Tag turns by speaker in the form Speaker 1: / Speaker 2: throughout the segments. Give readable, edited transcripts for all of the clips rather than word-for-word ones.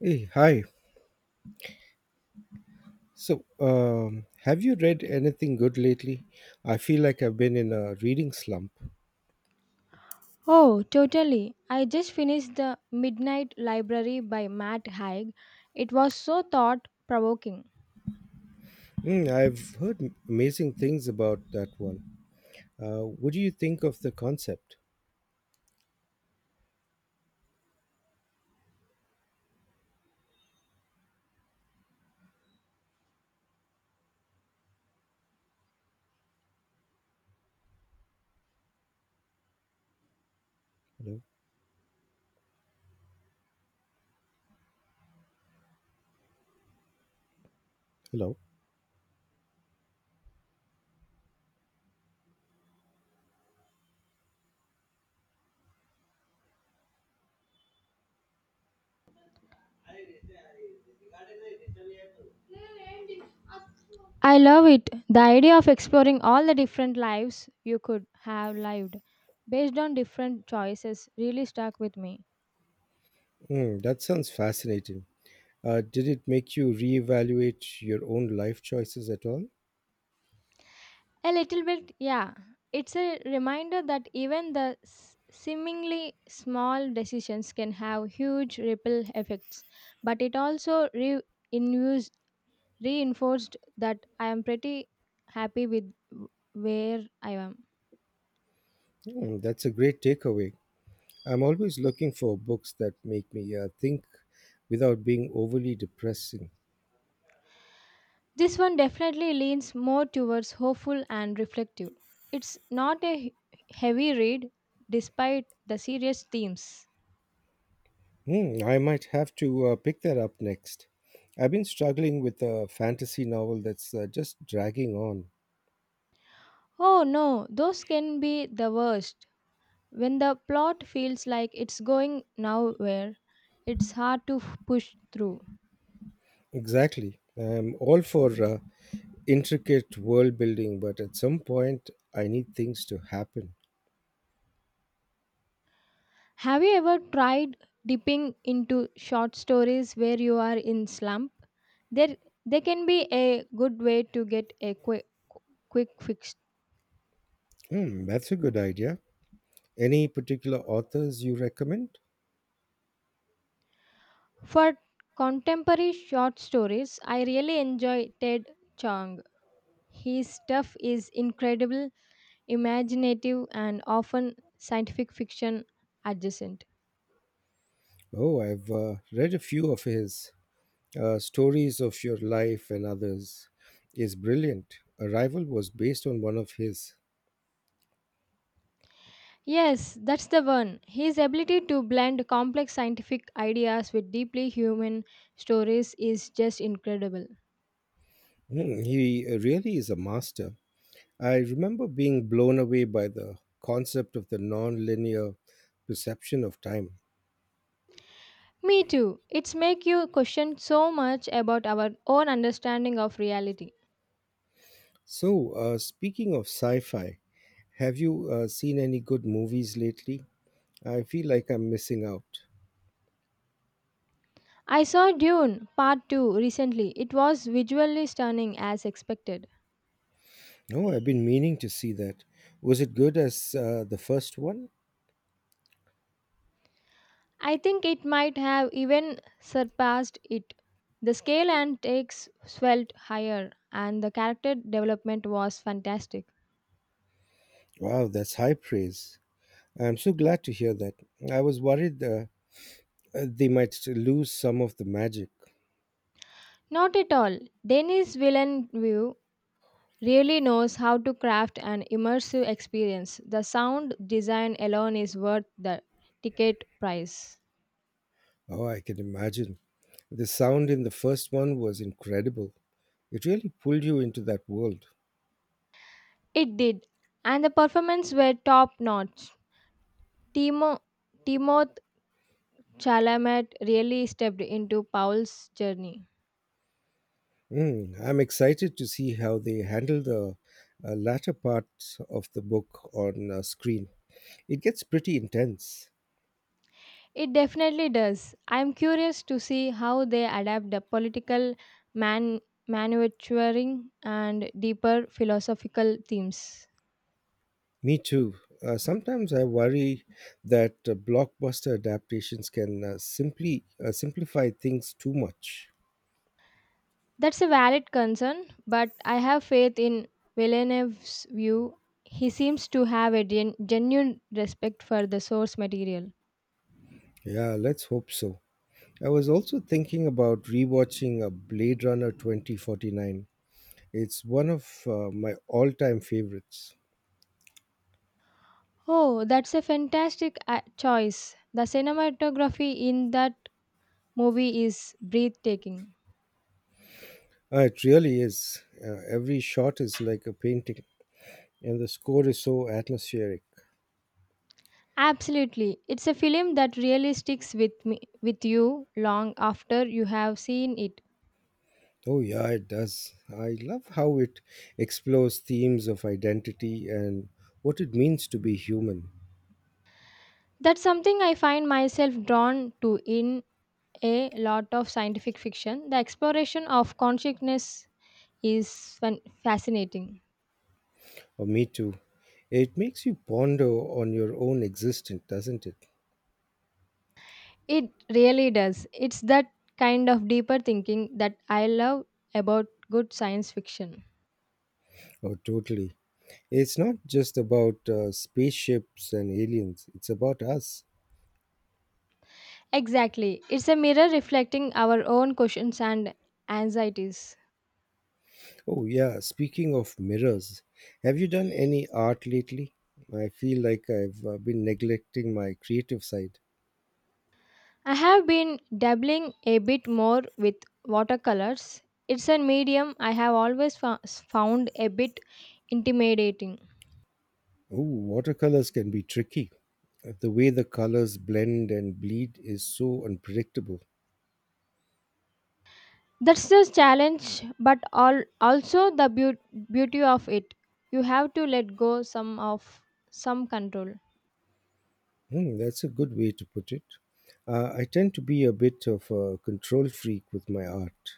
Speaker 1: Hey, hi. So, have you read anything good lately? I feel like I've been in a reading slump.
Speaker 2: Oh, totally. I just finished The Midnight Library by Matt Haig. It was so thought provoking.
Speaker 1: Mm, I've heard amazing things about that one. What do you think of the concept? Hello. Hello.
Speaker 2: I love it. The idea of exploring all the different lives you could have lived based on different choices really stuck with me.
Speaker 1: Mm, that sounds fascinating. Did it make you reevaluate your own life choices at all?
Speaker 2: A little bit, yeah. It's a reminder that even the seemingly small decisions can have huge ripple effects, but it also reinforced that I am pretty happy with where I am.
Speaker 1: Mm, that's a great takeaway. I'm always looking for books that make me think without being overly depressing.
Speaker 2: This one definitely leans more towards hopeful and reflective. It's not a heavy read despite the serious themes.
Speaker 1: Hmm, I might have to pick that up next. I've been struggling with a fantasy novel that's just dragging on.
Speaker 2: Oh no, those can be the worst. When the plot feels like it's going nowhere, it's hard to push through.
Speaker 1: Exactly. I'm all for intricate world building, but at some point, I need things to happen.
Speaker 2: Have you ever tried dipping into short stories where you are in slump? There, they can be a good way to get a quick fix.
Speaker 1: Hmm, that's a good idea. Any particular authors you recommend?
Speaker 2: For contemporary short stories, I really enjoy Ted Chiang. His stuff is incredible, imaginative, and often scientific fiction adjacent.
Speaker 1: Oh, I've read a few of his. Stories of Your Life and Others is brilliant. Arrival was based on one of his.
Speaker 2: Yes, that's the one. His ability to blend complex scientific ideas with deeply human stories is just incredible.
Speaker 1: Hmm, he really is a master. I remember being blown away by the concept of the nonlinear perception of time.
Speaker 2: Me too. It's make you question so much about our own understanding of reality.
Speaker 1: So, speaking of sci fi, have you seen any good movies lately? I feel like I'm missing out.
Speaker 2: I saw Dune Part 2 recently. It was visually stunning as expected.
Speaker 1: No, I've been meaning to see that. Was it good as the first one?
Speaker 2: I think it might have even surpassed it. The scale and takes swelled higher and the character development was fantastic.
Speaker 1: Wow, that's high praise. I'm so glad to hear that. I was worried they might lose some of the magic.
Speaker 2: Not at all. Denis Villeneuve really knows how to craft an immersive experience. The sound design alone is worth the ticket price.
Speaker 1: Oh, I can imagine. The sound in the first one was incredible. It really pulled you into that world.
Speaker 2: It did, and the performances were top notch. Timo, Timoth Chalamet really stepped into Paul's journey.
Speaker 1: Mm, I'm excited to see how they handle the latter part of the book on screen. It gets pretty intense.
Speaker 2: It definitely does. I'm curious to see how they adapt the political man manufacturing and deeper philosophical themes.
Speaker 1: Me too. Sometimes I worry that blockbuster adaptations can simply simplify things too much.
Speaker 2: That's a valid concern, but I have faith in Villeneuve's view. He seems to have a genuine respect for the source material.
Speaker 1: Yeah, let's hope so. I was also thinking about rewatching a Blade Runner 2049. It's one of my all time favorites.
Speaker 2: Oh, that's a fantastic choice. The cinematography in that movie is breathtaking.
Speaker 1: It really is. Every shot is like a painting, and the score is so atmospheric.
Speaker 2: Absolutely. It's a film that really sticks with me with you long after you have seen it.
Speaker 1: Oh, yeah, it does. I love how it explores themes of identity and what it means to be human,
Speaker 2: That's something I find myself drawn to in a lot of scientific fiction. The exploration of consciousness is fascinating.
Speaker 1: or me too. It makes you ponder on your own existence, doesn't it?
Speaker 2: It really does. It's that kind of deeper thinking that I love about good science fiction.
Speaker 1: Oh, totally. It's not just about spaceships and aliens, it's about us.
Speaker 2: Exactly. It's a mirror reflecting our own questions and anxieties.
Speaker 1: Oh, yeah. Speaking of mirrors, have you done any art lately? I feel like I've been neglecting my creative side.
Speaker 2: I have been dabbling a bit more with watercolors. It's a medium I have always found a bit intimidating.
Speaker 1: Oh, watercolors can be tricky. The way the colors blend and bleed is so unpredictable.
Speaker 2: That's the challenge, but also the beauty of it. You have to let go some control.
Speaker 1: Hmm, that's a good way to put it. I tend to be a bit of a control freak with my art.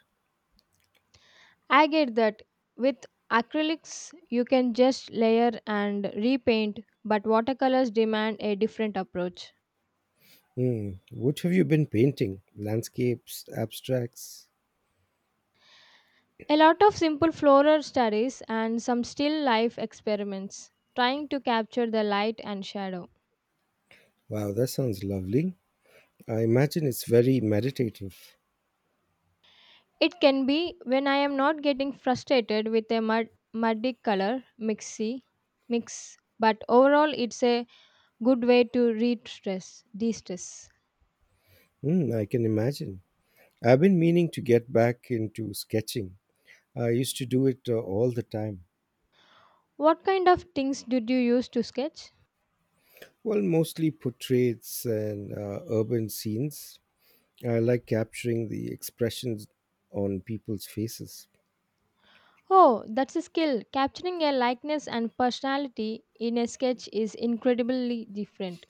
Speaker 2: I get that. With acrylics, you can just layer and repaint, but watercolors demand a different approach.
Speaker 1: Hmm, what have you been painting? Landscapes, abstracts?
Speaker 2: A lot of simple floral studies and some still life experiments, trying to capture the light and shadow.
Speaker 1: Wow, that sounds lovely. I imagine it's very meditative.
Speaker 2: It can be when I am not getting frustrated with a muddy color mix, but overall it's a good way to de-stress.
Speaker 1: Mm, I can imagine. I've been meaning to get back into sketching. I used to do it all the time.
Speaker 2: What kind of things did you use to sketch?
Speaker 1: Well, mostly portraits and urban scenes. I like capturing the expressions on people's faces.
Speaker 2: Oh, that's a skill. Capturing a likeness and personality in a sketch is incredibly different.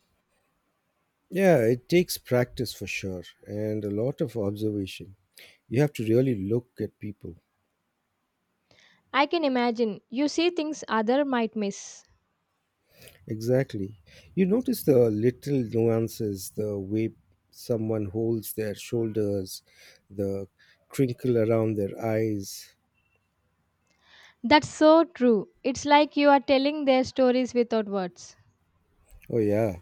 Speaker 1: Yeah, it takes practice for sure and a lot of observation. You have to really look at people.
Speaker 2: I can imagine you see things other might miss.
Speaker 1: Exactly. You notice the little nuances, the way someone holds their shoulders, the crinkle around their eyes.
Speaker 2: That's so true. It's like you are telling their stories without words.
Speaker 1: Oh, yeah.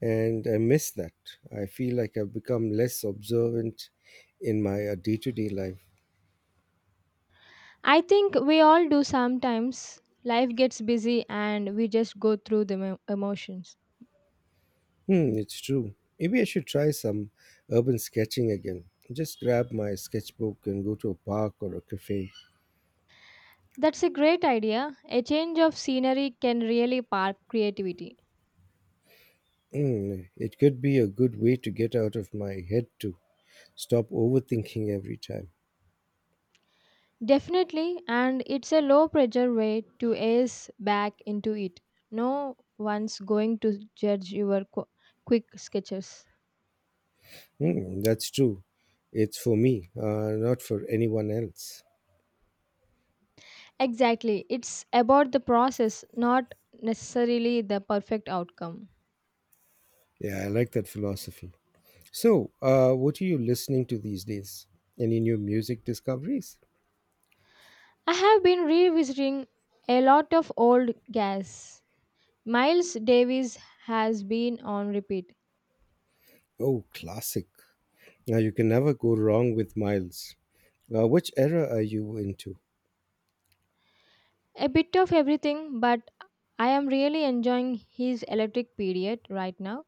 Speaker 1: And I miss that. I feel like I've become less observant in my day to day life.
Speaker 2: I think we all do sometimes. Life gets busy and we just go through the emotions.
Speaker 1: Hmm, it's true. Maybe I should try some urban sketching again. Just grab my sketchbook and go to a park or a cafe.
Speaker 2: That's a great idea. A change of scenery can really spark creativity.
Speaker 1: Hmm, it could be a good way to get out of my head, too. Stop overthinking every time.
Speaker 2: Definitely, and it's a low pressure way to ease back into it. No one's going to judge your quick sketches.
Speaker 1: Mm, that's true. It's for me, not for anyone else.
Speaker 2: Exactly. It's about the process, not necessarily the perfect outcome.
Speaker 1: Yeah, I like that philosophy. So, what are you listening to these days? Any new music discoveries?
Speaker 2: I have been revisiting a lot of old gas. Miles Davis has been on repeat.
Speaker 1: Oh, classic. Now, you can never go wrong with Miles. Which era are you into?
Speaker 2: A bit of everything, but I am really enjoying his electric period right now.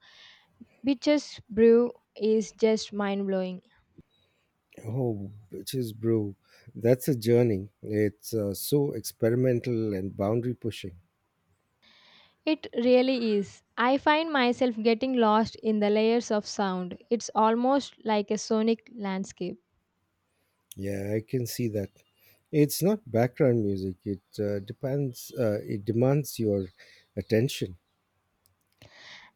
Speaker 2: Bitches Brew is just mind blowing.
Speaker 1: Oh, bitches, bro. That's a journey. It's so experimental and boundary pushing.
Speaker 2: It really is. I find myself getting lost in the layers of sound. It's almost like a sonic landscape.
Speaker 1: Yeah, I can see that. It's not background music. It depends. It demands your attention.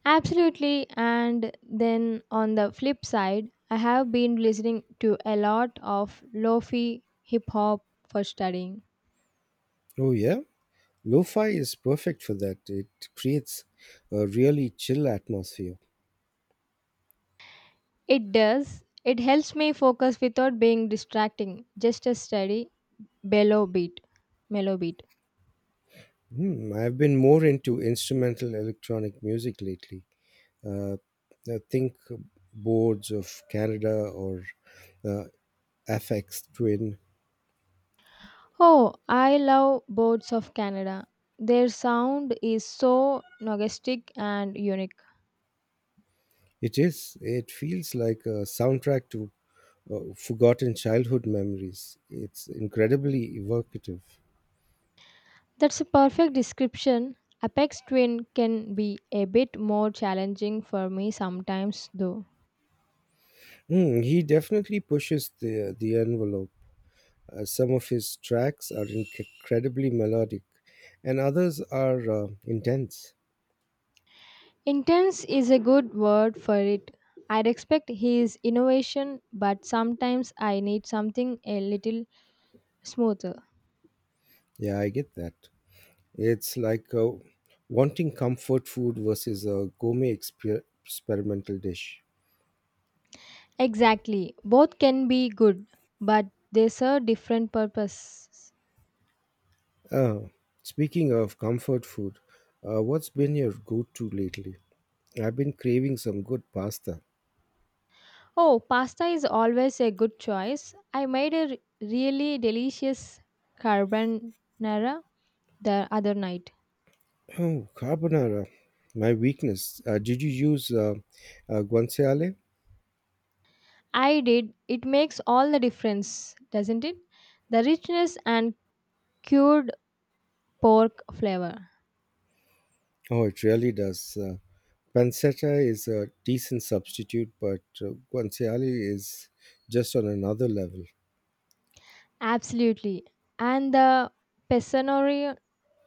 Speaker 2: Absolutely. And then on the flip side, I have been listening to a lot of lofi hip hop for studying.
Speaker 1: Oh yeah, lo-fi is perfect for that. It creates a really chill atmosphere.
Speaker 2: It does. It helps me focus without being distracting. Just a steady bellow beat, mellow beat.
Speaker 1: Hmm, I've been more into instrumental electronic music lately. Uh, I think boards of Canada or uh, FX Twin.
Speaker 2: Oh, I love Boards of Canada. Their sound is so nostalgic and unique.
Speaker 1: It is. It feels like a soundtrack to forgotten childhood memories. It's incredibly evocative.
Speaker 2: That's a perfect description. Apex Twin can be a bit more challenging for me sometimes, though.
Speaker 1: Mm, he definitely pushes the envelope. Some of his tracks are incredibly melodic, and others are intense.
Speaker 2: Intense is a good word for it. I respect his innovation, but sometimes I need something a little smoother.
Speaker 1: Yeah, I get that. It's like wanting comfort food versus a gourmet experimental dish.
Speaker 2: Exactly. Both can be good, but they serve different purposes.
Speaker 1: Uh, Speaking of comfort food, what's been your go to lately? I've been craving some good pasta.
Speaker 2: Oh, pasta is always a good choice. I made a really delicious carbonara the other night.
Speaker 1: Oh, carbonara. My weakness. Did you use guanciale?
Speaker 2: I did. It makes all the difference, doesn't it? The richness and cured pork flavor.
Speaker 1: Oh, it really does. Pancetta is a decent substitute, but guanciale is just on another level.
Speaker 2: Absolutely. And the Pesano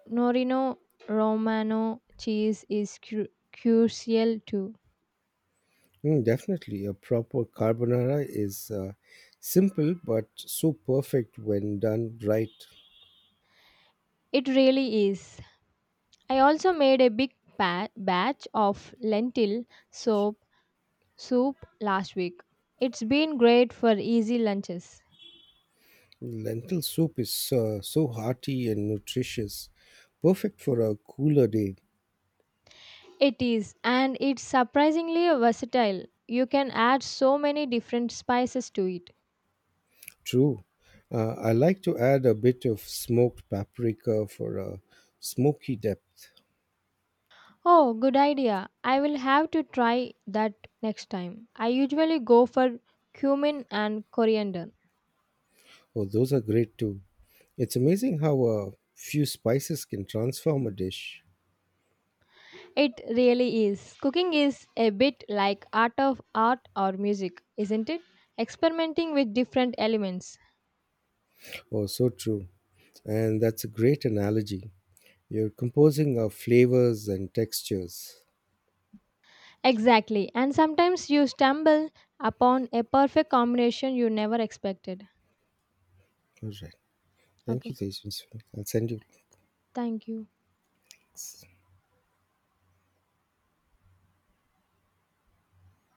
Speaker 2: Norino Romano cheese is crucial too.
Speaker 1: Mm, definitely. A proper carbonara is simple but so perfect when done right.
Speaker 2: It really is. I also made a big batch of lentil soap soup last week. It's been great for easy lunches.
Speaker 1: Lentil soup is so hearty and nutritious, perfect for a cooler day.
Speaker 2: It is, and it's surprisingly versatile. You can add so many different spices to it.
Speaker 1: True. I like to add a bit of smoked paprika for a smoky depth.
Speaker 2: Oh, good idea. I will have to try that next time. I usually go for cumin and coriander.
Speaker 1: Oh, those are great too. It's amazing how a few spices can transform a dish.
Speaker 2: It really is. Cooking is a bit like art or music, isn't it? Experimenting with different elements.
Speaker 1: Oh, so true. And that's a great analogy. You're composing of flavors and textures.
Speaker 2: Exactly. And sometimes you stumble upon a perfect combination you never expected.
Speaker 1: All right. Thank you,
Speaker 2: Okay.
Speaker 1: Tejaswini. I'll send you
Speaker 2: Thank you.
Speaker 1: links.